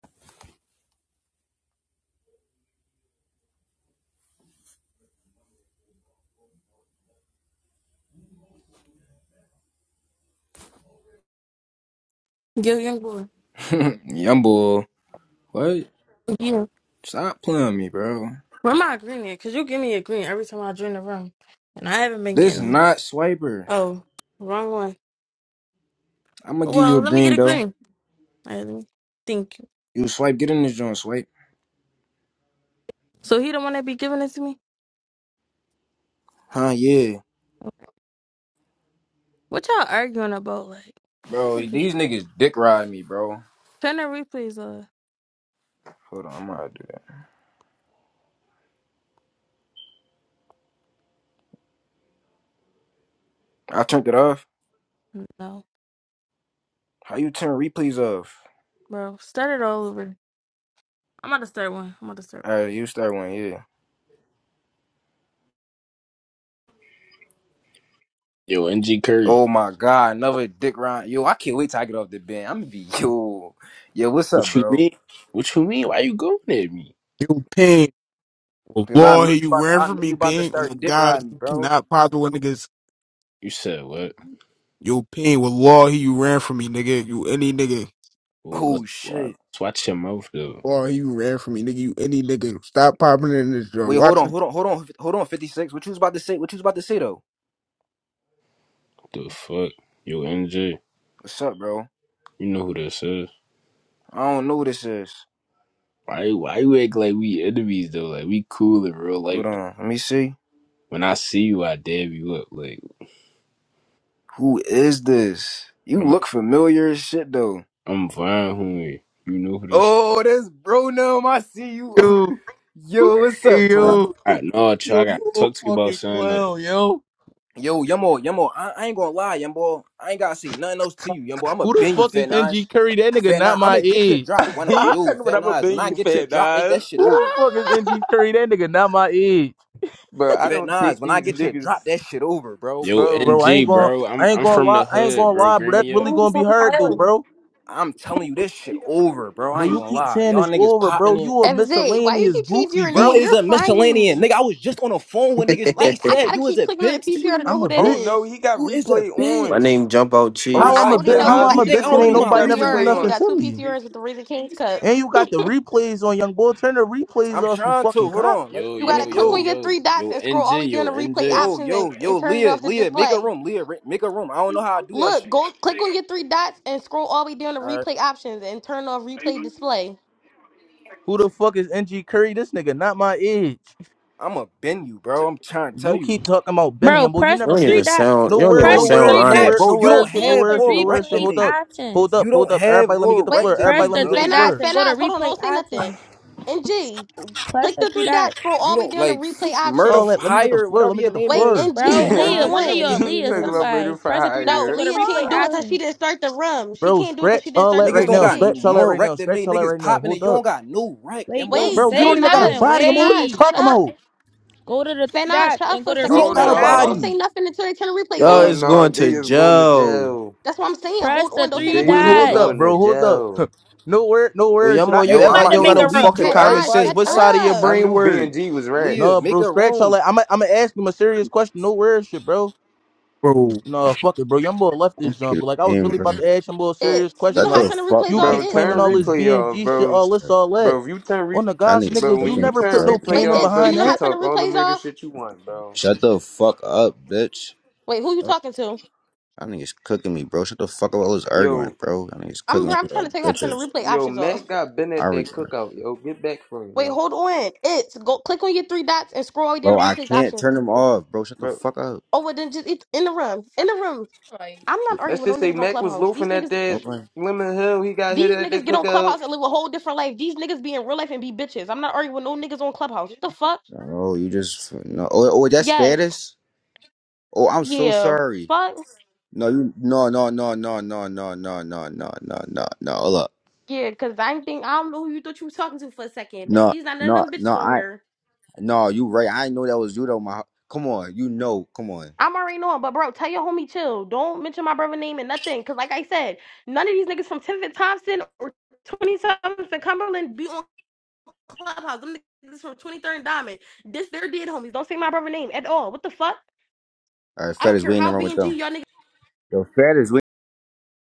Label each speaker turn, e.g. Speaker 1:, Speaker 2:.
Speaker 1: Yo, young boy.
Speaker 2: Young boy, what?
Speaker 1: Yeah.
Speaker 2: Stop playing me, bro.
Speaker 1: Where am I green at? Because you give me a green every time I join the room. And I haven't been getting
Speaker 2: This
Speaker 1: them.
Speaker 2: not swiper.
Speaker 1: Oh, wrong one.
Speaker 2: I'm gonna give you
Speaker 1: Well,
Speaker 2: a
Speaker 1: let me get
Speaker 2: green
Speaker 1: a
Speaker 2: though.
Speaker 1: green. All right, let me think.
Speaker 2: You swipe, get in this joint, swipe.
Speaker 1: So he the one that be giving it to me?
Speaker 2: Huh? Yeah,
Speaker 1: What y'all arguing about? Like,
Speaker 2: bro. These niggas dick ride me, bro.
Speaker 1: turn the replays off.
Speaker 2: Hold on, I'm gonna do that. I turned it off.
Speaker 1: No,
Speaker 2: How you turn replays off?
Speaker 1: bro. Start it all over. I'm about to start one. I'm about to start
Speaker 2: All right, you start one, yeah.
Speaker 3: Yo, NG Curry,
Speaker 2: Oh my god, another dick ride. Yo, I can't wait till I get off the bench. I'm gonna be yo, yo. What's up,
Speaker 3: what you
Speaker 2: bro?
Speaker 3: mean? What you mean? Why you going at me?
Speaker 4: You ping. Well,
Speaker 2: Because I
Speaker 4: law,
Speaker 2: know
Speaker 4: he
Speaker 2: you
Speaker 4: you
Speaker 2: about to.
Speaker 4: ran
Speaker 2: I
Speaker 4: from
Speaker 2: know
Speaker 4: me,
Speaker 2: you about to
Speaker 4: ping. Oh my
Speaker 2: start dick
Speaker 4: God,
Speaker 2: riding me,
Speaker 4: you
Speaker 2: bro.
Speaker 4: cannot pop with niggas.
Speaker 3: You said what?
Speaker 4: You ping. Well, law, he you ran from me, nigga. You any nigga.
Speaker 3: Oh, let's
Speaker 2: Oh shit.
Speaker 3: watch. Let's watch your mouth
Speaker 4: Well,
Speaker 3: though.
Speaker 4: law, he you ran from me, nigga. You any nigga. Stop popping in this joint.
Speaker 2: Wait, hold
Speaker 4: Watch
Speaker 2: on,
Speaker 4: it,
Speaker 2: hold on, hold on, hold on, 56. What you was about to say? What you was about to say though?
Speaker 3: The fuck, yo, NG,
Speaker 2: What's up, bro?
Speaker 3: you know who this is?
Speaker 2: I don't know who this is.
Speaker 3: Why? Why you act like we enemies though? Like we cool in real
Speaker 2: Hold
Speaker 3: life. Though.
Speaker 2: on, let me see.
Speaker 3: When I see you, I dab you up. Like
Speaker 2: Who is this? You
Speaker 3: I'm,
Speaker 2: look familiar as shit though.
Speaker 3: I'm fine, homie. You know who this?
Speaker 2: Oh, that's bro Num. I see you.
Speaker 5: Yo,
Speaker 2: Yo, what's up,
Speaker 5: hey,
Speaker 3: Nah.
Speaker 2: twin?
Speaker 5: yo, yo,
Speaker 3: I no, chill, I gotta
Speaker 5: you a
Speaker 3: talk to you about
Speaker 5: fucking
Speaker 3: something. Though.
Speaker 5: clown, yo.
Speaker 2: Yo, Yumbo, Yumbo, I, I ain't gonna lie, Yumbo. I ain't gotta say nothing else to you, Yumbo. I'ma
Speaker 5: Who the
Speaker 2: bend you,
Speaker 5: fuck is
Speaker 2: Fat
Speaker 5: NG
Speaker 2: Nines.
Speaker 5: Curry? That nigga
Speaker 2: Fat
Speaker 5: not
Speaker 2: Nines, I'ma
Speaker 5: my
Speaker 2: get your
Speaker 5: age.
Speaker 2: drop.
Speaker 5: Who
Speaker 2: When I,
Speaker 6: He
Speaker 2: yo,
Speaker 6: talking about
Speaker 2: Fat
Speaker 6: I'ma
Speaker 2: Nines, when
Speaker 6: bend
Speaker 2: I
Speaker 6: you
Speaker 2: get your
Speaker 6: fat
Speaker 2: drop, it,
Speaker 6: guys.
Speaker 2: that shit
Speaker 5: the
Speaker 2: over.
Speaker 5: fuck is NG Curry? That nigga not my age,
Speaker 6: Bro, I
Speaker 2: Fat
Speaker 6: don't take
Speaker 2: Nines, when I
Speaker 6: these
Speaker 2: get your
Speaker 6: niggas.
Speaker 2: drop, that shit over, bro.
Speaker 3: Yo,
Speaker 5: bro.
Speaker 6: Bro.
Speaker 5: I
Speaker 3: NG,
Speaker 5: ain't gonna,
Speaker 3: bro, I'm
Speaker 5: I ain't
Speaker 3: I'm
Speaker 5: gonna
Speaker 3: from
Speaker 5: lie,
Speaker 3: the
Speaker 5: I ain't
Speaker 3: hood,
Speaker 5: gonna
Speaker 3: bro.
Speaker 5: lie,
Speaker 3: Green
Speaker 5: bro. That's
Speaker 3: me up.
Speaker 5: really gonna be hard though,
Speaker 7: FZ,
Speaker 5: bro.
Speaker 2: I'm telling you, this shit over, bro. I
Speaker 5: Bro,
Speaker 2: ain't
Speaker 5: you
Speaker 2: gonna
Speaker 5: keep
Speaker 2: lie.
Speaker 5: saying
Speaker 2: Y'all
Speaker 5: it's
Speaker 2: niggas
Speaker 5: over,
Speaker 2: popping
Speaker 5: bro.
Speaker 2: it.
Speaker 5: You a
Speaker 7: why you
Speaker 5: miscellaneous
Speaker 7: keep changing
Speaker 5: goofy,
Speaker 7: your
Speaker 2: You
Speaker 7: name?
Speaker 5: bro.
Speaker 2: is
Speaker 7: You're
Speaker 2: a
Speaker 7: frying
Speaker 2: miscellanean.
Speaker 7: me.
Speaker 2: Nigga, I was just on the phone with niggas. They
Speaker 7: Like, I
Speaker 2: said
Speaker 7: gotta
Speaker 2: you is
Speaker 7: keep
Speaker 2: a
Speaker 7: clicking on the
Speaker 2: bitch.
Speaker 7: PTR to know
Speaker 5: I'm
Speaker 7: who
Speaker 5: a
Speaker 7: that
Speaker 6: Oh
Speaker 5: bitch.
Speaker 6: no,
Speaker 7: is.
Speaker 6: he got
Speaker 2: You is a
Speaker 6: replay
Speaker 8: My
Speaker 6: on.
Speaker 2: bitch.
Speaker 8: name Jump Out
Speaker 6: Oh
Speaker 2: I,
Speaker 5: How
Speaker 7: I
Speaker 8: Cheese.
Speaker 5: I'm
Speaker 2: I
Speaker 5: a
Speaker 6: no,
Speaker 7: only
Speaker 5: bit?
Speaker 2: bro,
Speaker 6: Fat
Speaker 7: know
Speaker 2: you
Speaker 5: How
Speaker 7: because
Speaker 6: Nas,
Speaker 7: I
Speaker 5: I'm
Speaker 2: you
Speaker 5: a
Speaker 6: leave
Speaker 7: keep
Speaker 2: think I
Speaker 6: this
Speaker 5: bitch and
Speaker 2: don't
Speaker 5: ain't
Speaker 7: scrolling
Speaker 2: do
Speaker 6: room.
Speaker 7: through the
Speaker 6: He
Speaker 2: my
Speaker 5: nobody
Speaker 6: got
Speaker 5: never do
Speaker 7: PTR.
Speaker 6: replay
Speaker 7: You
Speaker 2: research?
Speaker 7: only
Speaker 5: nothing
Speaker 6: on.
Speaker 7: got
Speaker 5: to
Speaker 7: two
Speaker 5: me.
Speaker 7: PTRs with the Raising Kings Cup.
Speaker 5: And you got the replays on Young Boy. Turn the replays
Speaker 2: I'm
Speaker 5: off, you
Speaker 2: trying to.
Speaker 5: fucking
Speaker 2: Hold
Speaker 5: cop.
Speaker 2: on. Let,
Speaker 3: Yo,
Speaker 7: You
Speaker 2: let me
Speaker 3: yo,
Speaker 7: gotta click
Speaker 3: yo,
Speaker 7: on
Speaker 2: yo,
Speaker 7: your
Speaker 3: yo,
Speaker 7: three dots
Speaker 3: yo,
Speaker 7: and scroll
Speaker 3: NG,
Speaker 7: all the way down
Speaker 3: yo,
Speaker 7: to replay
Speaker 3: NG.
Speaker 2: yo,
Speaker 7: options and,
Speaker 2: yo, yo,
Speaker 7: and turn it
Speaker 2: Leah,
Speaker 7: off the
Speaker 2: Leah, make a
Speaker 7: display.
Speaker 2: room. Leah, re- make a room. I don't know how I do that
Speaker 7: Look,
Speaker 2: shit.
Speaker 7: go click on your three dots and scroll all the way down to
Speaker 2: Alright.
Speaker 7: replay options and turn off replay display.
Speaker 5: Who the fuck is NG Curry? This nigga not my age.
Speaker 2: I'ma bend you, bro. I'm trying to tell
Speaker 5: You
Speaker 2: you.
Speaker 5: keep talking about Benny,
Speaker 9: Bro,
Speaker 5: and boy, you
Speaker 9: press
Speaker 8: You
Speaker 5: never
Speaker 9: the
Speaker 8: don't
Speaker 9: three
Speaker 8: even
Speaker 5: did.
Speaker 9: dots.
Speaker 8: sound. You
Speaker 5: No
Speaker 8: don't
Speaker 5: word,
Speaker 8: even
Speaker 9: Press
Speaker 2: Bro,
Speaker 5: no
Speaker 2: you
Speaker 9: the
Speaker 8: sound
Speaker 5: words,
Speaker 2: don't
Speaker 9: three
Speaker 5: no
Speaker 9: dots
Speaker 2: have
Speaker 5: word,
Speaker 9: and
Speaker 8: honest.
Speaker 2: bro,
Speaker 5: no
Speaker 2: you
Speaker 9: scroll
Speaker 2: don't
Speaker 5: word, shit, no
Speaker 9: down
Speaker 2: have
Speaker 9: to
Speaker 5: word, shit,
Speaker 2: more
Speaker 5: no word,
Speaker 2: rec
Speaker 5: shit.
Speaker 2: than
Speaker 9: replays
Speaker 5: Hold up,
Speaker 2: me.
Speaker 5: hold
Speaker 9: options.
Speaker 5: up,
Speaker 2: You
Speaker 5: hold
Speaker 2: don't
Speaker 5: up.
Speaker 2: have
Speaker 5: Everybody, let me
Speaker 2: more
Speaker 5: get the
Speaker 2: rec
Speaker 5: floor.
Speaker 7: Wait,
Speaker 2: than
Speaker 9: Press
Speaker 5: Everybody,
Speaker 2: me,
Speaker 5: let
Speaker 9: the
Speaker 5: me get the
Speaker 9: three
Speaker 2: bro.
Speaker 7: Fanaz,
Speaker 9: dots
Speaker 5: floor.
Speaker 9: and go to
Speaker 7: Fanaz, hold on,
Speaker 9: replay
Speaker 7: don't say nothing.
Speaker 9: options.
Speaker 7: NG,
Speaker 9: Press
Speaker 7: click
Speaker 9: the
Speaker 7: the
Speaker 9: three
Speaker 7: three
Speaker 9: dots.
Speaker 7: dots, scroll
Speaker 2: You
Speaker 7: all the way
Speaker 2: don't
Speaker 7: down to
Speaker 2: like
Speaker 7: replay option.
Speaker 2: murder
Speaker 5: All that, let me get the
Speaker 2: hire
Speaker 5: floor.
Speaker 2: whatever
Speaker 5: Let me
Speaker 2: your
Speaker 5: get the
Speaker 2: name
Speaker 7: Wait,
Speaker 2: is,
Speaker 5: floor,
Speaker 7: and
Speaker 9: Bro,
Speaker 7: G,
Speaker 2: Fat
Speaker 6: he
Speaker 7: hold
Speaker 9: Leah,
Speaker 2: Nas,
Speaker 9: one of
Speaker 2: whatever
Speaker 7: on.
Speaker 9: your
Speaker 2: your name
Speaker 9: Leah,
Speaker 6: talking
Speaker 2: is.
Speaker 6: about
Speaker 9: somebody.
Speaker 6: murder for
Speaker 9: Press the three dots
Speaker 7: No,
Speaker 9: and
Speaker 6: hire.
Speaker 9: go to
Speaker 7: Leah
Speaker 9: replay
Speaker 7: can't do it
Speaker 6: Ah.
Speaker 7: because she
Speaker 9: options.
Speaker 7: didn't start the room. She
Speaker 5: bro.
Speaker 7: can't do it because she
Speaker 5: Scratch
Speaker 7: didn't
Speaker 5: all
Speaker 7: start
Speaker 5: that
Speaker 7: the
Speaker 2: Niggas
Speaker 5: right
Speaker 7: room.
Speaker 2: don't
Speaker 7: And
Speaker 5: now.
Speaker 2: got
Speaker 7: G,
Speaker 2: n-
Speaker 5: Scratch all that
Speaker 2: more
Speaker 5: right now.
Speaker 2: wreck than
Speaker 5: Scratch
Speaker 2: me.
Speaker 5: all that
Speaker 2: Niggas
Speaker 5: right now.
Speaker 2: popping it.
Speaker 5: Hold
Speaker 2: You don't
Speaker 5: up,
Speaker 2: got no wreck, yo.
Speaker 9: Wait,
Speaker 2: boy.
Speaker 9: don't
Speaker 7: wait,
Speaker 2: You
Speaker 5: bro. You
Speaker 9: say
Speaker 5: don't
Speaker 2: never
Speaker 5: even got a
Speaker 2: did
Speaker 7: Fanaj,
Speaker 9: nothing.
Speaker 5: body, and
Speaker 2: nothing.
Speaker 5: boy, what are you
Speaker 7: Fanaj,
Speaker 9: Wait.
Speaker 7: shut
Speaker 5: talking
Speaker 7: up.
Speaker 5: about?
Speaker 9: Go to the three
Speaker 7: Fanaj,
Speaker 9: dots
Speaker 7: shut up
Speaker 9: and
Speaker 7: for
Speaker 9: go
Speaker 7: a
Speaker 9: to
Speaker 2: You
Speaker 7: second.
Speaker 2: don't
Speaker 6: Oh
Speaker 7: Hold
Speaker 2: got
Speaker 9: replay
Speaker 2: a
Speaker 7: on. Don't
Speaker 6: no.
Speaker 9: options.
Speaker 7: say
Speaker 2: body,
Speaker 7: nothing until they turn the replays
Speaker 8: Yo,
Speaker 6: Oh
Speaker 7: off.
Speaker 8: it's going
Speaker 6: no,
Speaker 8: to
Speaker 6: they is going to
Speaker 8: Joe.
Speaker 6: jail.
Speaker 7: That's what I'm saying.
Speaker 9: Press
Speaker 7: Hold
Speaker 9: the
Speaker 7: on. Don't say
Speaker 9: three
Speaker 6: They
Speaker 7: nothing
Speaker 5: Wait,
Speaker 7: until the
Speaker 6: is
Speaker 7: replays
Speaker 5: hold
Speaker 9: dots.
Speaker 5: up,
Speaker 7: off.
Speaker 6: going to
Speaker 5: bro. Hold up.
Speaker 6: jail.
Speaker 5: no word, no
Speaker 8: Yo,
Speaker 5: word. Should I
Speaker 8: Yamo, you
Speaker 2: yo.
Speaker 9: I'm
Speaker 8: act
Speaker 5: actually
Speaker 2: I'm
Speaker 9: about
Speaker 8: like
Speaker 9: to
Speaker 8: you
Speaker 2: out,
Speaker 5: really?
Speaker 8: don't
Speaker 9: make
Speaker 8: got
Speaker 2: yo.
Speaker 8: no
Speaker 9: a
Speaker 2: Lee,
Speaker 9: room.
Speaker 2: yo.
Speaker 8: fucking common
Speaker 7: Fanaj,
Speaker 8: sense.
Speaker 2: Everybody,
Speaker 7: shut
Speaker 8: What
Speaker 2: every,
Speaker 8: side of your
Speaker 7: up.
Speaker 6: I
Speaker 8: brain
Speaker 6: knew
Speaker 8: work?
Speaker 6: BNG was
Speaker 2: Leah,
Speaker 5: No,
Speaker 6: rats.
Speaker 2: make
Speaker 5: bro.
Speaker 2: a
Speaker 5: Scratch all
Speaker 2: room.
Speaker 5: that. I'm, i am i gonna ask him a serious question. No word, shit, bro.
Speaker 4: bro.
Speaker 5: No, fuck it, bro. Young boy left
Speaker 10: I'm
Speaker 5: this jump,
Speaker 10: pretty
Speaker 5: but like I was
Speaker 10: game,
Speaker 5: really
Speaker 10: bro.
Speaker 5: about to ask young boy a serious
Speaker 7: It's, you
Speaker 5: question.
Speaker 10: Shut
Speaker 7: know how to
Speaker 5: Like,
Speaker 10: the
Speaker 7: turn the
Speaker 10: fuck
Speaker 7: replays
Speaker 5: you
Speaker 7: off?
Speaker 10: up,
Speaker 6: Bro,
Speaker 5: keep
Speaker 10: bro.
Speaker 5: claiming
Speaker 7: It's,
Speaker 6: turn
Speaker 5: all
Speaker 10: That
Speaker 5: this
Speaker 10: nigga's
Speaker 6: replay off,
Speaker 5: BNG shit,
Speaker 6: bro.
Speaker 5: all this,
Speaker 10: bullshit.
Speaker 5: all that.
Speaker 6: Bro, if you turn re
Speaker 5: On the
Speaker 10: That
Speaker 5: guys,
Speaker 10: nigga's
Speaker 6: but
Speaker 5: nigga,
Speaker 6: when
Speaker 5: you
Speaker 10: cooking
Speaker 6: you
Speaker 10: me,
Speaker 5: never put
Speaker 6: turn
Speaker 10: bro.
Speaker 5: no
Speaker 6: replay
Speaker 7: wait,
Speaker 5: pain in
Speaker 6: off,
Speaker 7: it's, do
Speaker 6: bro,
Speaker 7: you
Speaker 5: behind
Speaker 6: you
Speaker 7: know how
Speaker 6: could
Speaker 5: that.
Speaker 7: to turn
Speaker 6: talk
Speaker 7: the
Speaker 6: all the
Speaker 7: replays
Speaker 6: murder
Speaker 7: off?
Speaker 6: shit you want, bro.
Speaker 10: Shut the fuck up, bitch.
Speaker 7: Wait, who you
Speaker 10: Fuck.
Speaker 7: talking to?
Speaker 10: That nigga's cooking me, bro. Shut the fuck up. I was
Speaker 6: Yo,
Speaker 10: arguing, bro. That nigga's cooking
Speaker 7: I'm,
Speaker 10: me
Speaker 7: I'm trying
Speaker 10: like
Speaker 7: to tell you how to turn the
Speaker 10: bitches.
Speaker 7: replay
Speaker 6: yo,
Speaker 7: options off.
Speaker 6: Mac got been at
Speaker 10: Alright, already,
Speaker 6: that
Speaker 10: bro.
Speaker 6: cookout. Yo, get back from him,
Speaker 7: Wait,
Speaker 6: yo,
Speaker 7: hold on. It's, go click on your three dots and scroll all the way
Speaker 10: Bro,
Speaker 7: down to
Speaker 10: I
Speaker 7: replays
Speaker 10: can't
Speaker 7: options.
Speaker 10: turn them off, bro. Shut the
Speaker 6: bro.
Speaker 10: fuck up.
Speaker 7: Oh, well, then just it's in the room. In the room. I'm not arguing
Speaker 6: Let's
Speaker 7: with no
Speaker 6: just say
Speaker 7: niggas on
Speaker 6: Mac was
Speaker 7: Clubhouse. These
Speaker 6: loafing at
Speaker 7: niggas,
Speaker 6: that
Speaker 10: Okay.
Speaker 6: Lemon Hill. He got hit
Speaker 7: these
Speaker 6: at
Speaker 7: niggas
Speaker 6: that
Speaker 7: get on
Speaker 6: cookout.
Speaker 7: Clubhouse and live a whole different life. These niggas be in real life and be bitches. I'm not arguing with no niggas on Clubhouse. What the fuck?
Speaker 10: No, you just no. Oh, oh, that's
Speaker 7: Yes.
Speaker 10: fairness. Oh, I'm so
Speaker 7: Yeah.
Speaker 10: sorry.
Speaker 7: Fuck.
Speaker 10: No, you no no no no no no no no no no no no. Hold up.
Speaker 7: Yeah. Cause I ain't think I don't know who you thought you was talking to for a second, but
Speaker 10: No,
Speaker 7: these not none of
Speaker 10: no,
Speaker 7: them bitches on
Speaker 10: no.
Speaker 7: here.
Speaker 10: No, you right. I didn't know that was you though. My come on, you know. Come on.
Speaker 7: I'm already knowing, but bro, tell your homie chill. Don't mention my brother name and nothing. Cause like I said, none of these niggas from 10th and Thompson or 27th and Cumberland be on Clubhouse. Them niggas from 23rd and Diamond. This they're dead homies. Don't say my brother name at all. What the fuck?
Speaker 10: All right,
Speaker 7: I
Speaker 10: Fed
Speaker 7: don't
Speaker 10: is
Speaker 7: care
Speaker 10: we in the
Speaker 7: how
Speaker 10: room
Speaker 7: B
Speaker 10: with
Speaker 7: and
Speaker 10: them.
Speaker 7: G y'all niggas
Speaker 10: Yo, Fed is we.